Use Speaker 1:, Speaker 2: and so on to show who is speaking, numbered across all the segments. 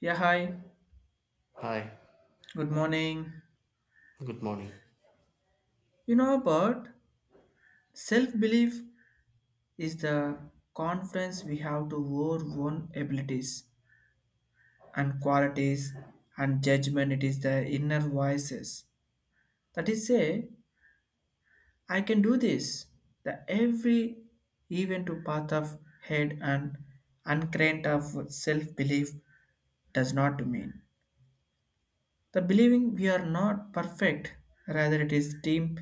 Speaker 1: Yeah, hi.
Speaker 2: Hi,
Speaker 1: Good morning.
Speaker 2: good morning.
Speaker 1: You know about self belief is the confidence we have to our own abilities and qualities and judgment. It is the inner voices that is say, I can do this. The every even to path of head and uncrent of self belief does not mean the believing we are not perfect. Rather, it is deep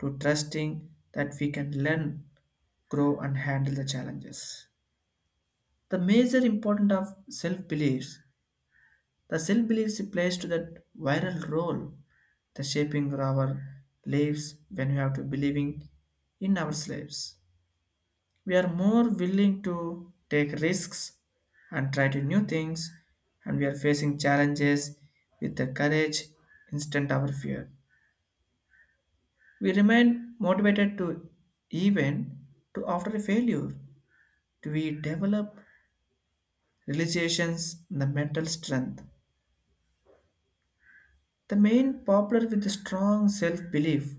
Speaker 1: to trusting that we can learn grow and handle the challenges. The major importance of self-beliefs, the self-beliefs plays to that viral role, the shaping of our lives when we have to believing in ourselves. We are more willing to take risks and try to new things and we are facing challenges with the courage instead of our fear. We remain motivated to even to after a failure. We develop realizations, and the mental strength. The main popular with strong self-belief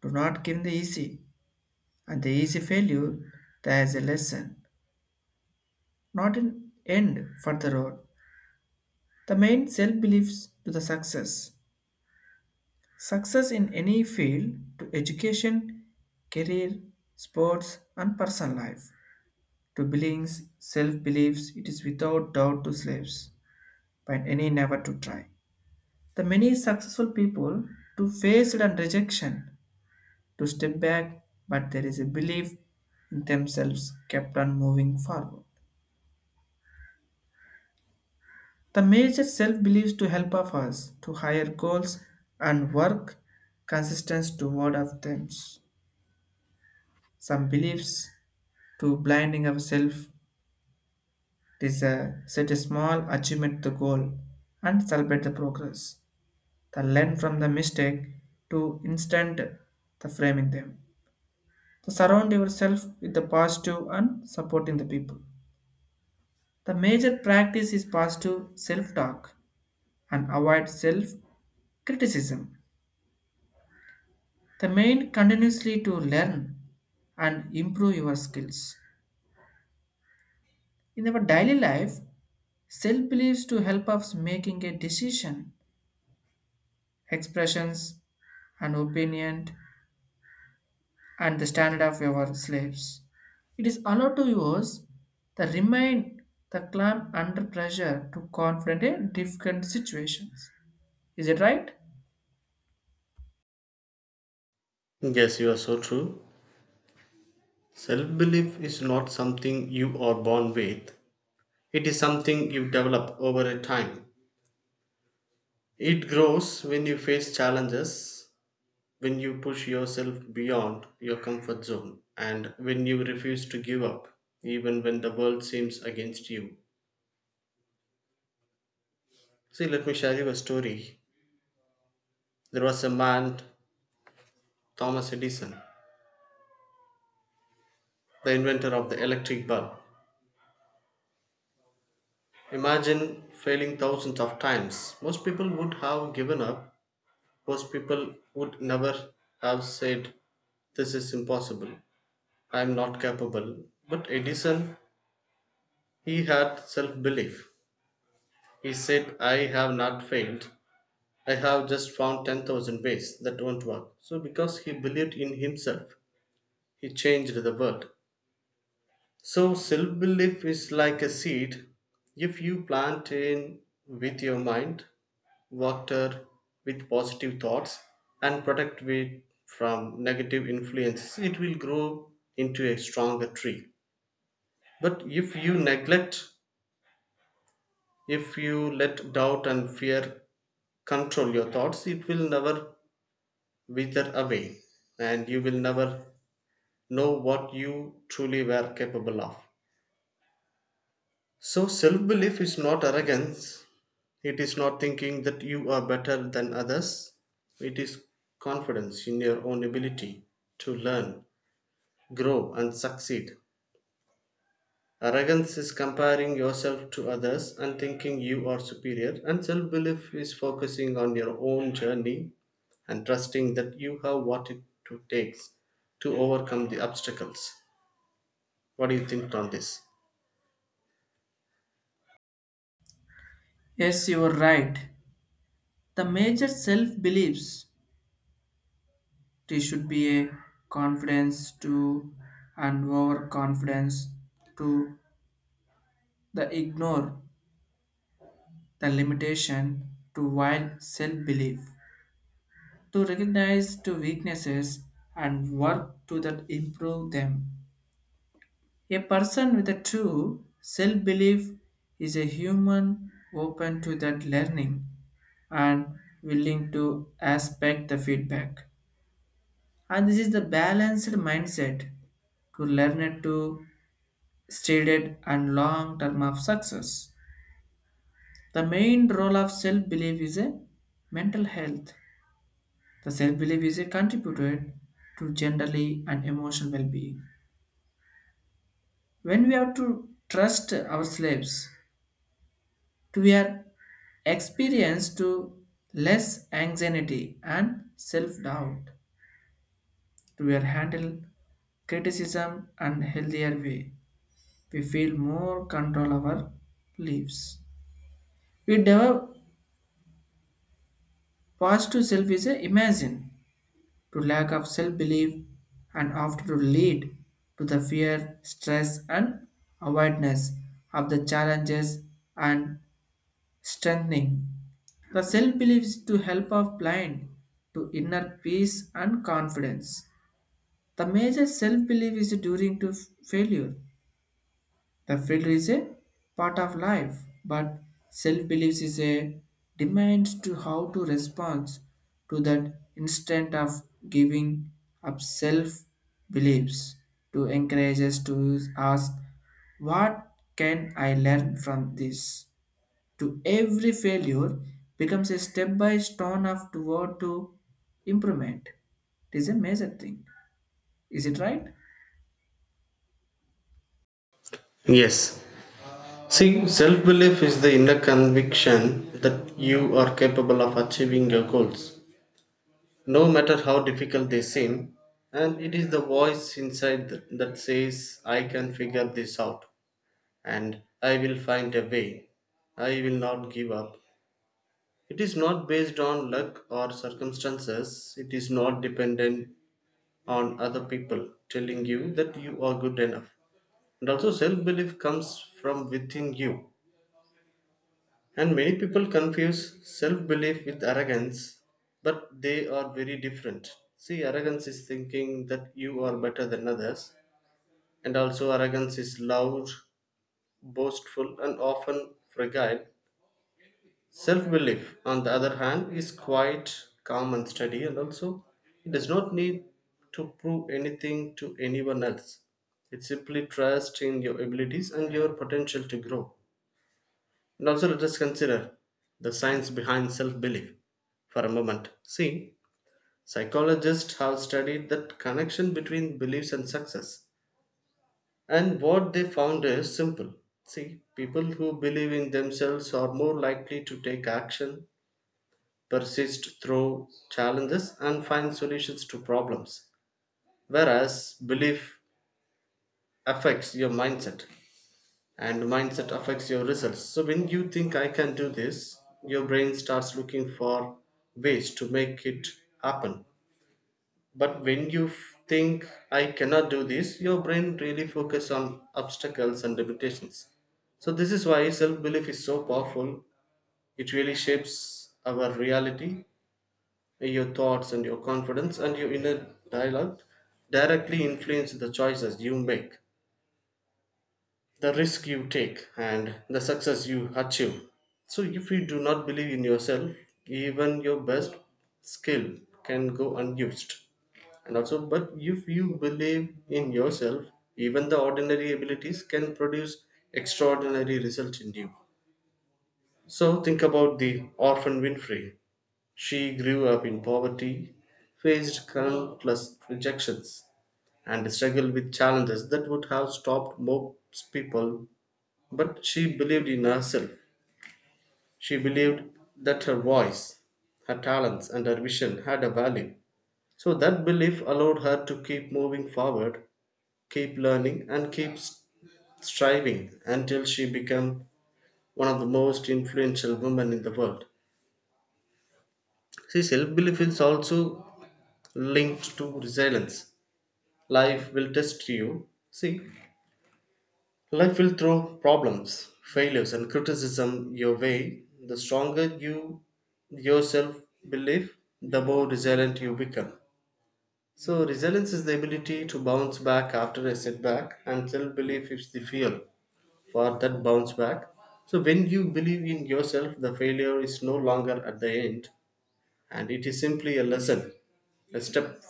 Speaker 1: do not give the easy, and the easy failure there is a lesson, not an end for the road. The main self-beliefs to the success. Success in any field to education, career, sports, and personal life. To beliefs, self-beliefs, it is without doubt to slaves, but any never to try. The many successful people to face it and rejection, to step back, but there is a belief in themselves kept on moving forward. The major self beliefs to help of us to higher goals and work consistence toward of them. Some beliefs to blinding ourselves is a set a small achievement the goal and celebrate the progress. The learn from the mistake to instant the framing them. So surround yourself with the positive and supporting the people. The major practice is positive self-talk and avoid self-criticism. The main continuously to learn and improve your skills. In our daily life, self-beliefs to help us making a decision, expressions, and opinion and the standard of your slaves. It is allowed to use the remain the clam under pressure to confront a difficult situations. Is it right?
Speaker 2: Yes, you are so true. Self belief is not something you are born with, it is something you develop over a time. It grows when you face challenges, when you push yourself beyond your comfort zone, and when you refuse to give up, even when the world seems against you. See, let me share you a story. There was a man, Thomas Edison, the inventor of the electric bulb. Imagine failing thousands of times. Most people would have given up. Most people would never have said, this is impossible. I am not capable. But Edison, he had self belief. He said, I have not failed. I have just found 10,000 ways that won't work. So, because he believed in himself, he changed the world. So, self belief is like a seed. If you plant in with your mind, water with positive thoughts and protect it from negative influences, it will grow into a stronger tree. But if you neglect, if you let doubt and fear control your thoughts, it will never wither away and you will never know what you truly were capable of. So, self belief is not arrogance, it is not thinking that you are better than others. It is confidence in your own ability to learn, grow, and succeed. Arrogance is comparing yourself to others and thinking you are superior, and self belief is focusing on your own journey and trusting that you have what it takes to overcome the obstacles. What do you think on this?
Speaker 1: Yes, you are right. The major self beliefs they should be a confidence to and overconfidence to the ignore the limitation to wild self belief to recognize to weaknesses and work to that improve them. A person with a true self belief is a human open to that learning and willing to aspect the feedback. And this is the balanced mindset to learn it to stated and long term of success. The main role of self belief is a mental health. The self belief is a contributed to generally and emotional well being. When we have to trust ourselves, to your experience to less anxiety and self-doubt to your handle criticism and healthier way, we feel more control our lives, we develop positive self is a imagine to lack of self-belief and often to lead to the fear stress and avoidance of the challenges and strengthening. The self believes to help of blind to inner peace and confidence. The major self belief is during to failure. The failure is a part of life, but self beliefs is a demands to how to respond to that instant of giving up self beliefs to encourage us to ask what can I learn from this to every failure becomes a step by stone of toward to improvement. It is a major thing. Is it right?
Speaker 2: Yes. See, self belief is the inner conviction that you are capable of achieving your goals, no matter how difficult they seem. And it is the voice inside that says, I can figure this out and I will find a way. I will not give up. It is not based on luck or circumstances. It is not dependent on other people telling you that you are good enough. And also, self belief comes from within you. And many people confuse self belief with arrogance, but they are very different. See, arrogance is thinking that you are better than others, and also arrogance is loud, boastful, and often fragile. Self belief, on the other hand, is quite calm, and steady, and also it does not need to prove anything to anyone else. It simply trusts in your abilities and your potential to grow. And also, let us consider the science behind self belief for a moment. See, psychologists have studied the connection between beliefs and success, and what they found is simple. See, people who believe in themselves are more likely to take action, persist through challenges, and find solutions to problems, whereas belief affects your mindset, and mindset affects your results. So when you think I can do this, your brain starts looking for ways to make it happen. But when you think I cannot do this, your brain really focuses on obstacles and limitations. So this is why self belief is so powerful. It really shapes our reality. Your thoughts and your confidence and your inner dialogue directly influence the choices you make, the risk you take and the success you achieve. So, if you do not believe in yourself, even your best skill can go unused. And also, but if you believe in yourself, even the ordinary abilities can produce extraordinary results in you. So, think about the orphan Winfrey. She grew up in poverty, faced countless rejections, and struggled with challenges that would have stopped most people, but she believed in herself. She believed that her voice, her talents, and her vision had a value. So that belief allowed her to keep moving forward, keep learning, and keep striving until she became one of the most influential women in the world. See, self belief is also linked to resilience. Life will test you. See, life will throw problems, failures, and criticism your way. The stronger you yourself believe, the more resilient you become. So, resilience is the ability to bounce back after a setback, and self belief is the fuel for that bounce back. So, when you believe in yourself, the failure is no longer at the end, and it is simply a lesson, a step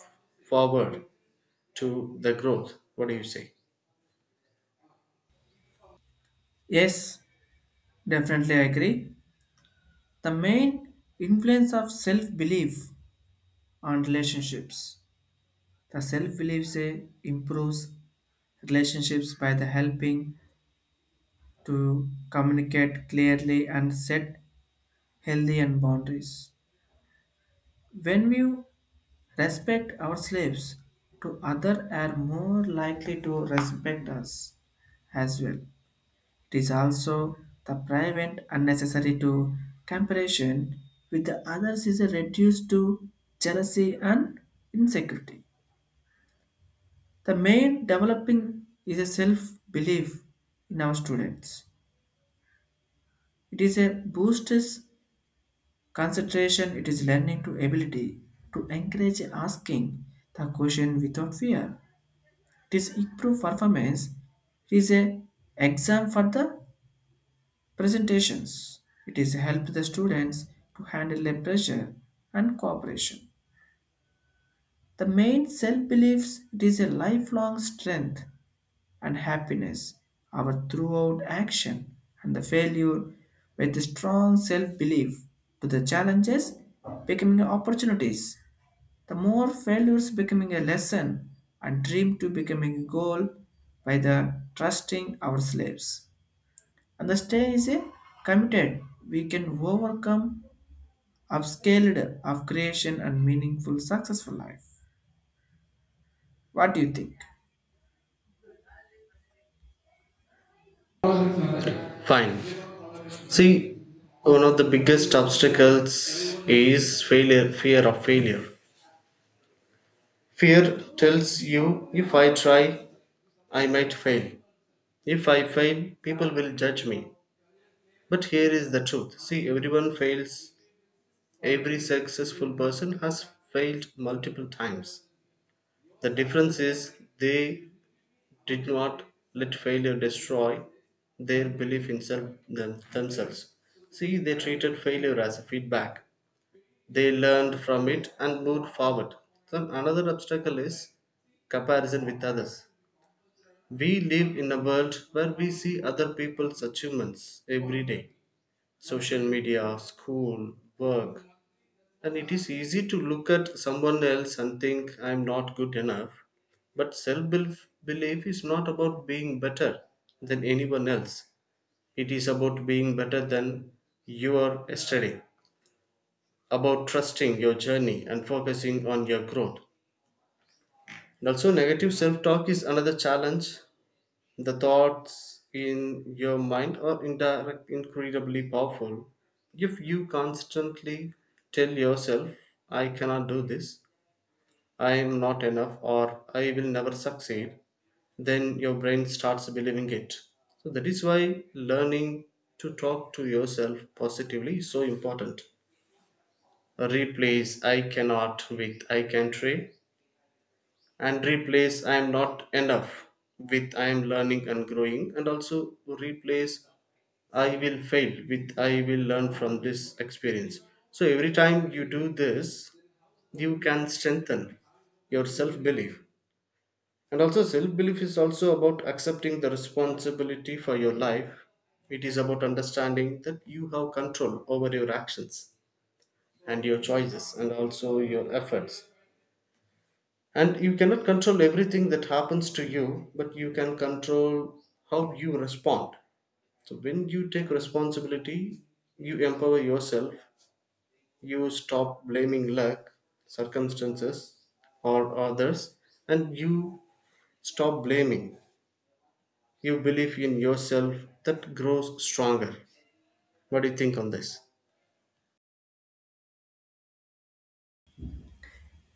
Speaker 2: forward to the growth. What do you say?
Speaker 1: Yes, definitely I agree. The main influence of self-belief on relationships. The self-belief say improves relationships by the helping to communicate clearly and set healthy and boundaries. When you respect our slaves to other are more likely to respect us as well. It is also the prevent unnecessary to comparison with the others is reduced to jealousy and insecurity. The main developing is a self-belief in our students. It is a boosts concentration, it is learning to ability to encourage asking the question without fear. This improved performance is a exam for the presentations. It is help the students to handle the pressure and cooperation. The main self beliefs it is a lifelong strength and happiness. Our throughout action and the failure with a strong self belief to the challenges becoming opportunities. The more failures becoming a lesson and dream to becoming a goal by the trusting our slaves. And the stay is a committed. We can overcome upscaled of creation and meaningful successful life. What do you think?
Speaker 2: Fine. See, one of the biggest obstacles is failure, fear of failure. Fear tells you, if I try, I might fail. If I fail, people will judge me. But here is the truth. See, everyone fails. Every successful person has failed multiple times. The difference is they did not let failure destroy their belief in self, them, themselves. See, they treated failure as a feedback. They learned from it and moved forward. Then another obstacle is comparison with others. We live in a world where we see other people's achievements every day. Social media, school, work. And it is easy to look at someone else and think I'm not good enough. But self belief is not about being better than anyone else. It is about being better than you are yesterday, about trusting your journey and focusing on your growth. And also, negative self talk is another challenge. The thoughts in your mind are indirect, incredibly powerful. If you constantly tell yourself, I cannot do this, I am not enough, or I will never succeed, then your brain starts believing it. So, that is why learning to talk to yourself positively is so important. Replace I cannot with I can try, and replace I am not enough with I am learning and growing, and also replace I will fail with I will learn from this experience. So every time you do this, you can strengthen your self belief. And also, self belief is also about accepting the responsibility for your life. It is about understanding that you have control over your actions and your choices and also your efforts. And you cannot control everything that happens to you, but you can control how you respond. So when you take responsibility, you empower yourself. You stop blaming luck, circumstances, or others. And you stop blaming. You believe in yourself, that grows stronger. What do you think on this?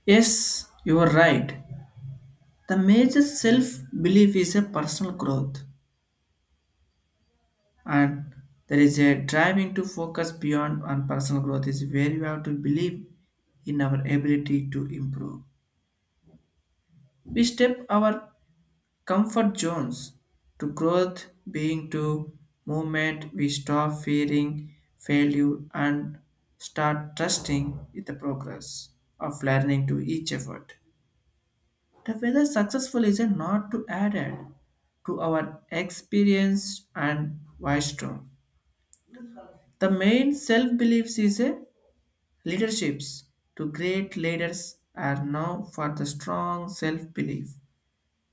Speaker 1: Yes, you are right. The major self belief is a personal growth, and there is a driving to focus beyond on personal growth is where you have to believe in our ability to improve. We step our comfort zones to growth being to movement, we stop fearing failure and start trusting with the progress of learning to each effort. The whether successful is a not to added to our experience and wisdom. The main self-beliefs is a leaderships to great leaders are now for the strong self-belief,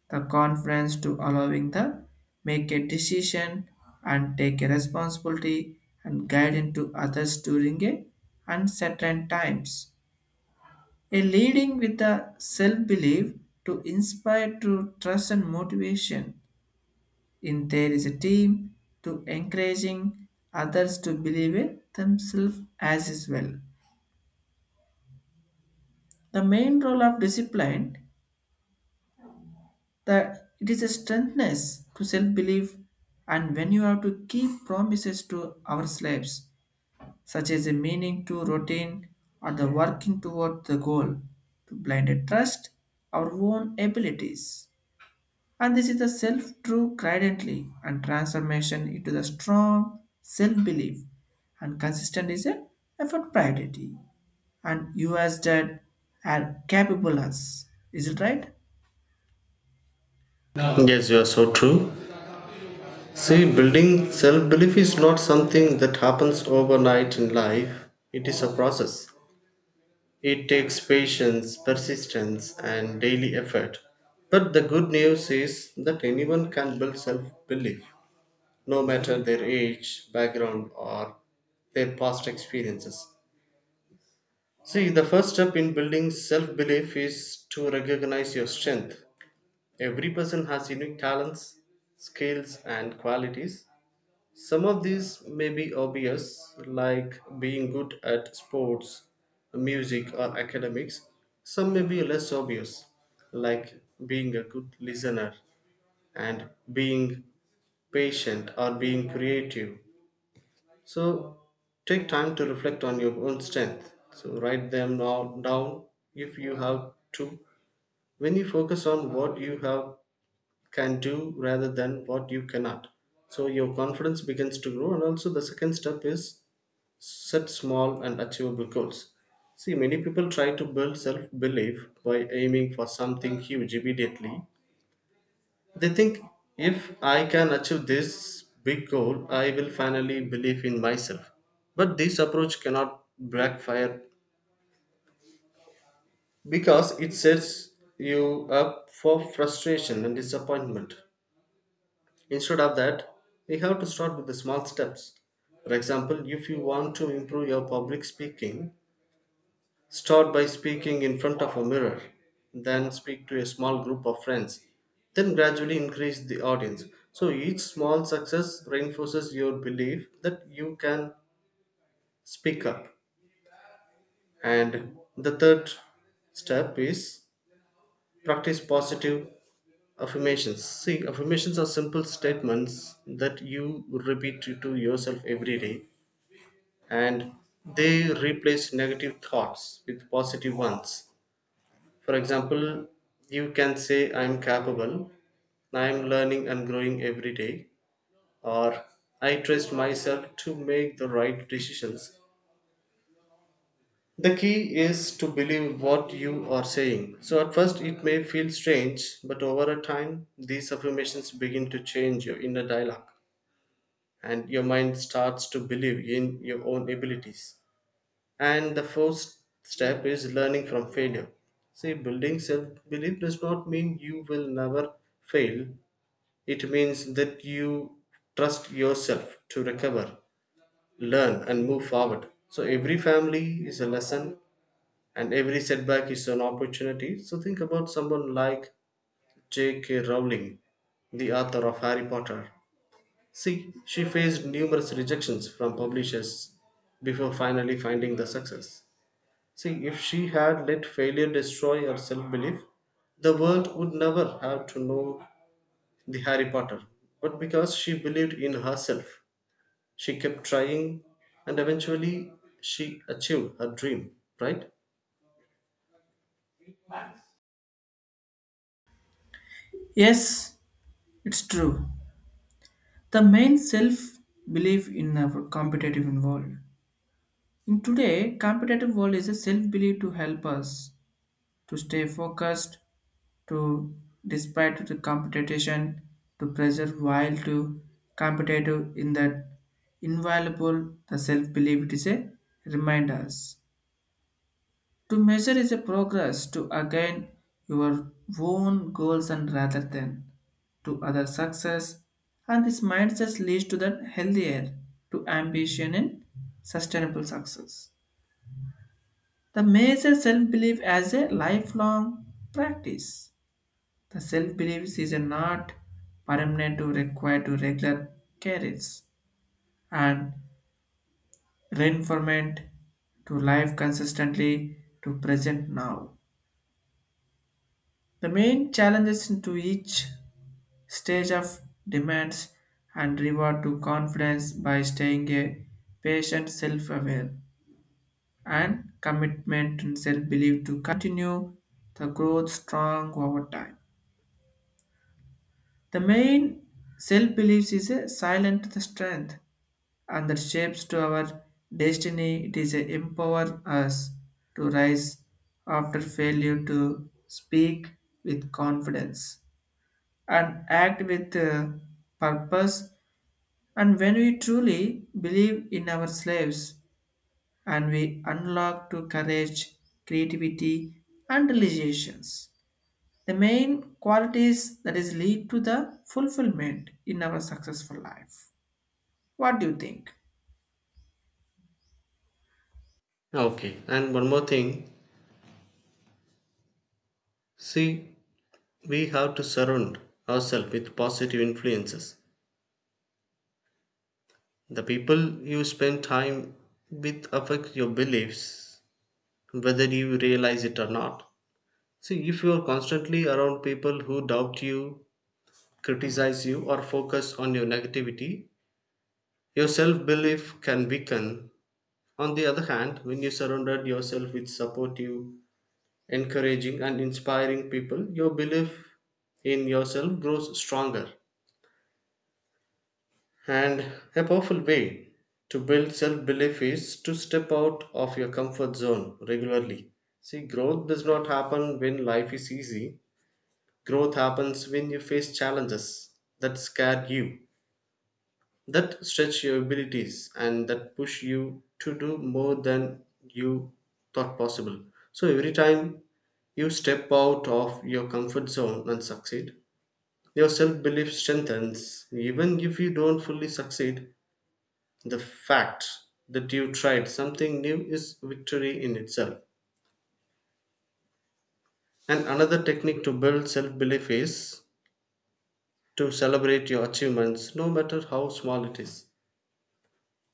Speaker 1: the conference to allowing the make a decision and take a responsibility and guide into others during a uncertain times. A leading with the self-belief to inspire to trust and motivation. In there is a team to encouraging others to believe in themselves as is well. The main role of discipline that it is a strengthness to self-belief and when you have to keep promises to our slaves such as a meaning to routine or the working toward the goal to blinded trust our own abilities and this is the self true credently and transformation into the strong self-belief and consistent is a effort priority and you as dad are capable us. Is it right?
Speaker 2: Yes, you are so true. See, building self belief is not something that happens overnight in life, it is a process. It takes patience, persistence, and daily effort. But the good news is that anyone can build self belief, no matter their age, background, or their past experiences. See, the first step in building self belief is to recognize your strength. Every person has unique talents, skills, and qualities. Some of these may be obvious, like being good at sports, music, or academics. Some may be less obvious, like being a good listener and being patient or being creative. So take time to reflect on your own strength. So write them now down if you have to. When you focus on what you have can do rather than what you cannot, so your confidence begins to grow. And also the second step is, set small and achievable goals. See, many people try to build self belief by aiming for something huge immediately. They think, if I can achieve this big goal, I will finally believe in myself. But this approach cannot backfire because it sets you up for frustration and disappointment. Instead of that, you have to start with the small steps. For example, if you want to improve your public speaking, start by speaking in front of a mirror, then speak to a small group of friends, then gradually increase the audience. So each small success reinforces your belief that you can speak up. And the third step is practice positive affirmations. See, affirmations are simple statements that you repeat to yourself every day, and they replace negative thoughts with positive ones. For example, you can say, I'm capable, I'm learning and growing every day, or I trust myself to make the right decisions. The key is to believe what you are saying. So, at first, it may feel strange, but over a time, these affirmations begin to change your inner dialogue and your mind starts to believe in your own abilities. And the first step is learning from failure. See, building self belief does not mean you will never fail, it means that you trust yourself to recover, learn, and move forward. So, every family is a lesson, and every setback is an opportunity. So, think about someone like J.K. Rowling, the author of Harry Potter. See, she faced numerous rejections from publishers before finally finding the success. See, if she had let failure destroy her self belief, the world would never have to know the Harry Potter. But because she believed in herself, she kept trying and eventually she achieved her dream, right?
Speaker 1: Yes, it's true. The main self-belief in our competitive world. In today, competitive world is a self-belief to help us to stay focused, to despite the competition, to preserve while to competitive in that invaluable the self-belief it is a reminders. To measure is a progress to again your own goals and rather than to other success, and this mindset leads to the healthier to ambition and sustainable success. The major self belief as a lifelong practice. The self belief is not permanent to require to regular carries and reinforcement to life consistently to present now. The main challenges to each stage of demands and reward to confidence by staying a patient self-aware and commitment and self-belief to continue the growth strong over time. The main self-belief is a silent strength and that shapes to our destiny. It is a empower us to rise after failure to speak with confidence and act with purpose. And when we truly believe in our slaves and we unlock to courage, creativity, and realizations, the main qualities that is lead to the fulfillment in our successful life. What do you think?
Speaker 2: Okay, and one more thing. See, we have to surround ourselves with positive influences. The people you spend time with affect your beliefs, whether you realize it or not. See, if you are constantly around people who doubt you, criticize you, or focus on your negativity, your self belief can weaken. On the other hand, when you surrounded yourself with supportive, encouraging, and inspiring people, your belief in yourself grows stronger. And a powerful way to build self belief is to step out of your comfort zone regularly. See, growth does not happen when life is easy. Growth happens when you face challenges that scare you, that stretch your abilities, and that push you to do more than you thought possible. So every time you step out of your comfort zone and succeed, your self belief strengthens. Even if you don't fully succeed, the fact that you tried something new is victory in itself. And another technique to build self belief is to celebrate your achievements, no matter how small it is.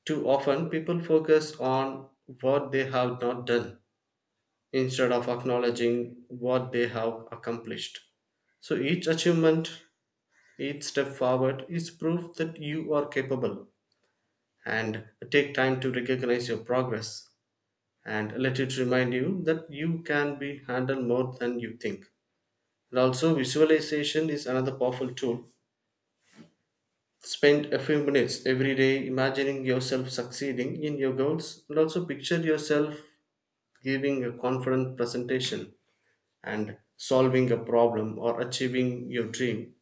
Speaker 2: Too often, people focus on what they have not done instead of acknowledging what they have accomplished. So, each achievement, each step forward is proof that you are capable. And take time to recognize your progress and let it remind you that you can be handled more than you think. And also, visualization is another powerful tool. Spend a few minutes every day imagining yourself succeeding in your goals, and also picture yourself giving a confident presentation and solving a problem or achieving your dream,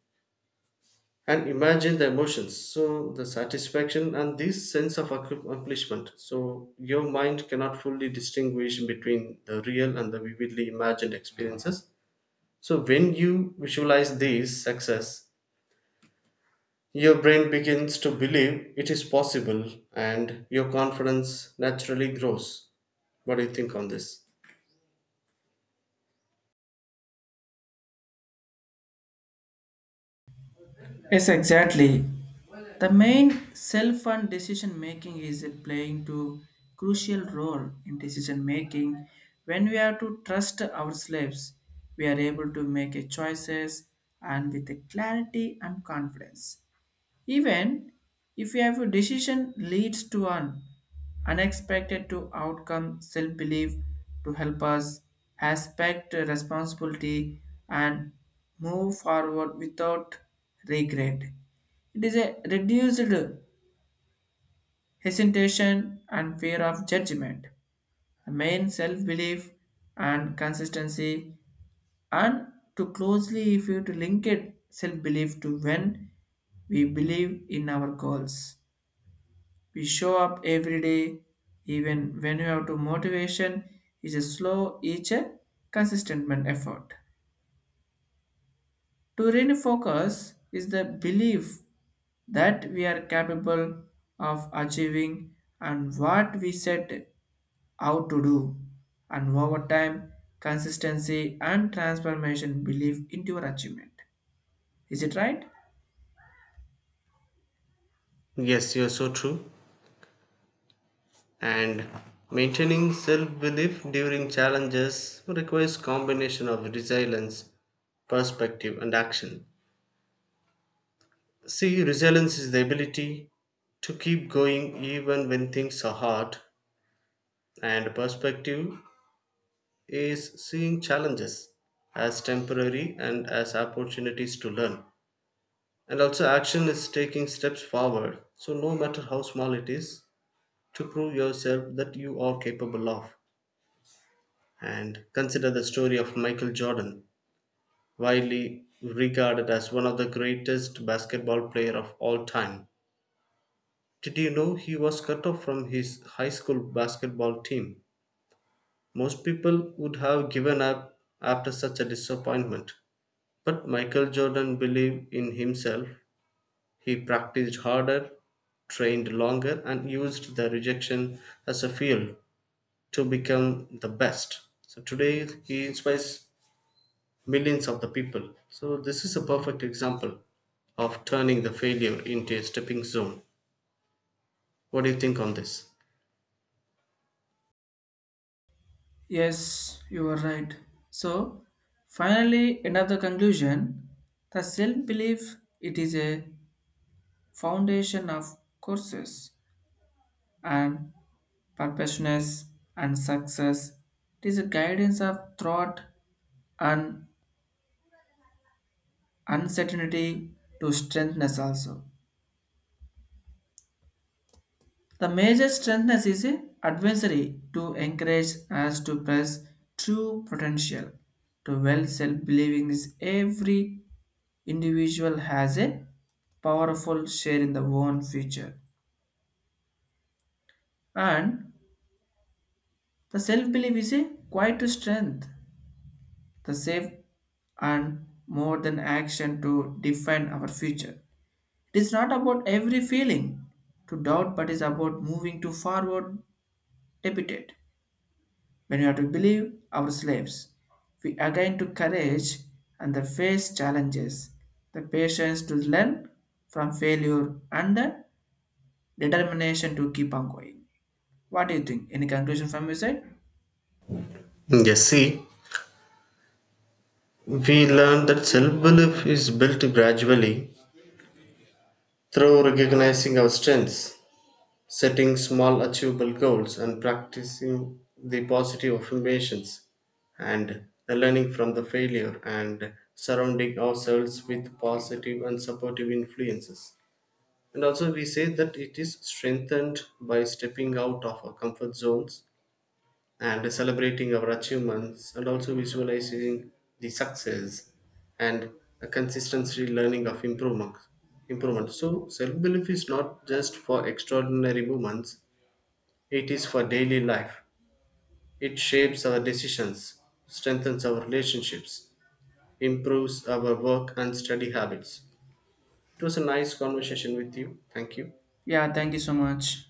Speaker 2: and imagine the emotions, so the satisfaction and this sense of accomplishment. So your mind cannot fully distinguish between the real and the vividly imagined experiences, so when you visualize these success, your brain begins to believe it is possible and your confidence naturally grows. What do you think on this?
Speaker 1: Yes, exactly. The main self and decision making is playing to crucial role in decision making. When we are to trust ourselves, we are able to make a choices and with a clarity and confidence. Even if your decision leads to an unexpected to outcome self-belief to help us aspect responsibility and move forward without regret. It is a reduced hesitation and fear of judgment, the main self-belief and consistency, and to closely if you to link it self-belief to when we believe in our goals, we show up every day, even when you have to motivation is a slow, each a consistent man effort. To refocus is the belief that we are capable of achieving and what we set out to do, and over time, consistency and transformation belief into your achievement. Is it right?
Speaker 2: Yes, you're so true. And maintaining self-belief during challenges requires combination of resilience, perspective, and action. See, resilience is the ability to keep going even when things are hard, and perspective is seeing challenges as temporary and as opportunities to learn. And also, action is taking steps forward, so no matter how small it is, to prove yourself that you are capable of. And consider the story of Michael Jordan, widely regarded as one of the greatest basketball player of all time. Did you know he was cut off from his high school basketball team? Most people would have given up after such a disappointment. But Michael Jordan believed in himself. He practiced harder, trained longer, and used the rejection as a fuel to become the best. So today he inspires millions of the people. So this is a perfect example of turning the failure into a stepping stone. What do you think on this?
Speaker 1: Yes, you are right. So, finally, end of the conclusion the self belief it is a foundation of courses and purposeness and success. It is a guidance of thought and uncertainty to strengthness also. The major strengthness is a advisory to encourage us to press true potential. To well self believing is every individual has a powerful share in the own future and the self-belief is a quiet strength the safe and more than action to define our future. It is not about every feeling to doubt but is about moving to forward debited when we are to believe our slaves we again to courage and the face challenges the patience to learn from failure and the determination to keep on going. What do you think? Any conclusion from your side?
Speaker 2: Yes, see, we learn that self-belief is built gradually through recognizing our strengths, setting small achievable goals, and practicing the positive affirmations and the learning from the failure and surrounding ourselves with positive and supportive influences. And also, we say that it is strengthened by stepping out of our comfort zones and celebrating our achievements, and also visualizing the success and a consistency learning of improvement. So, self belief is not just for extraordinary moments, it is for daily life. It shapes our decisions, strengthens our relationships, improves our work and study habits. It was a nice conversation with you. Thank you.
Speaker 1: Yeah, thank you so much.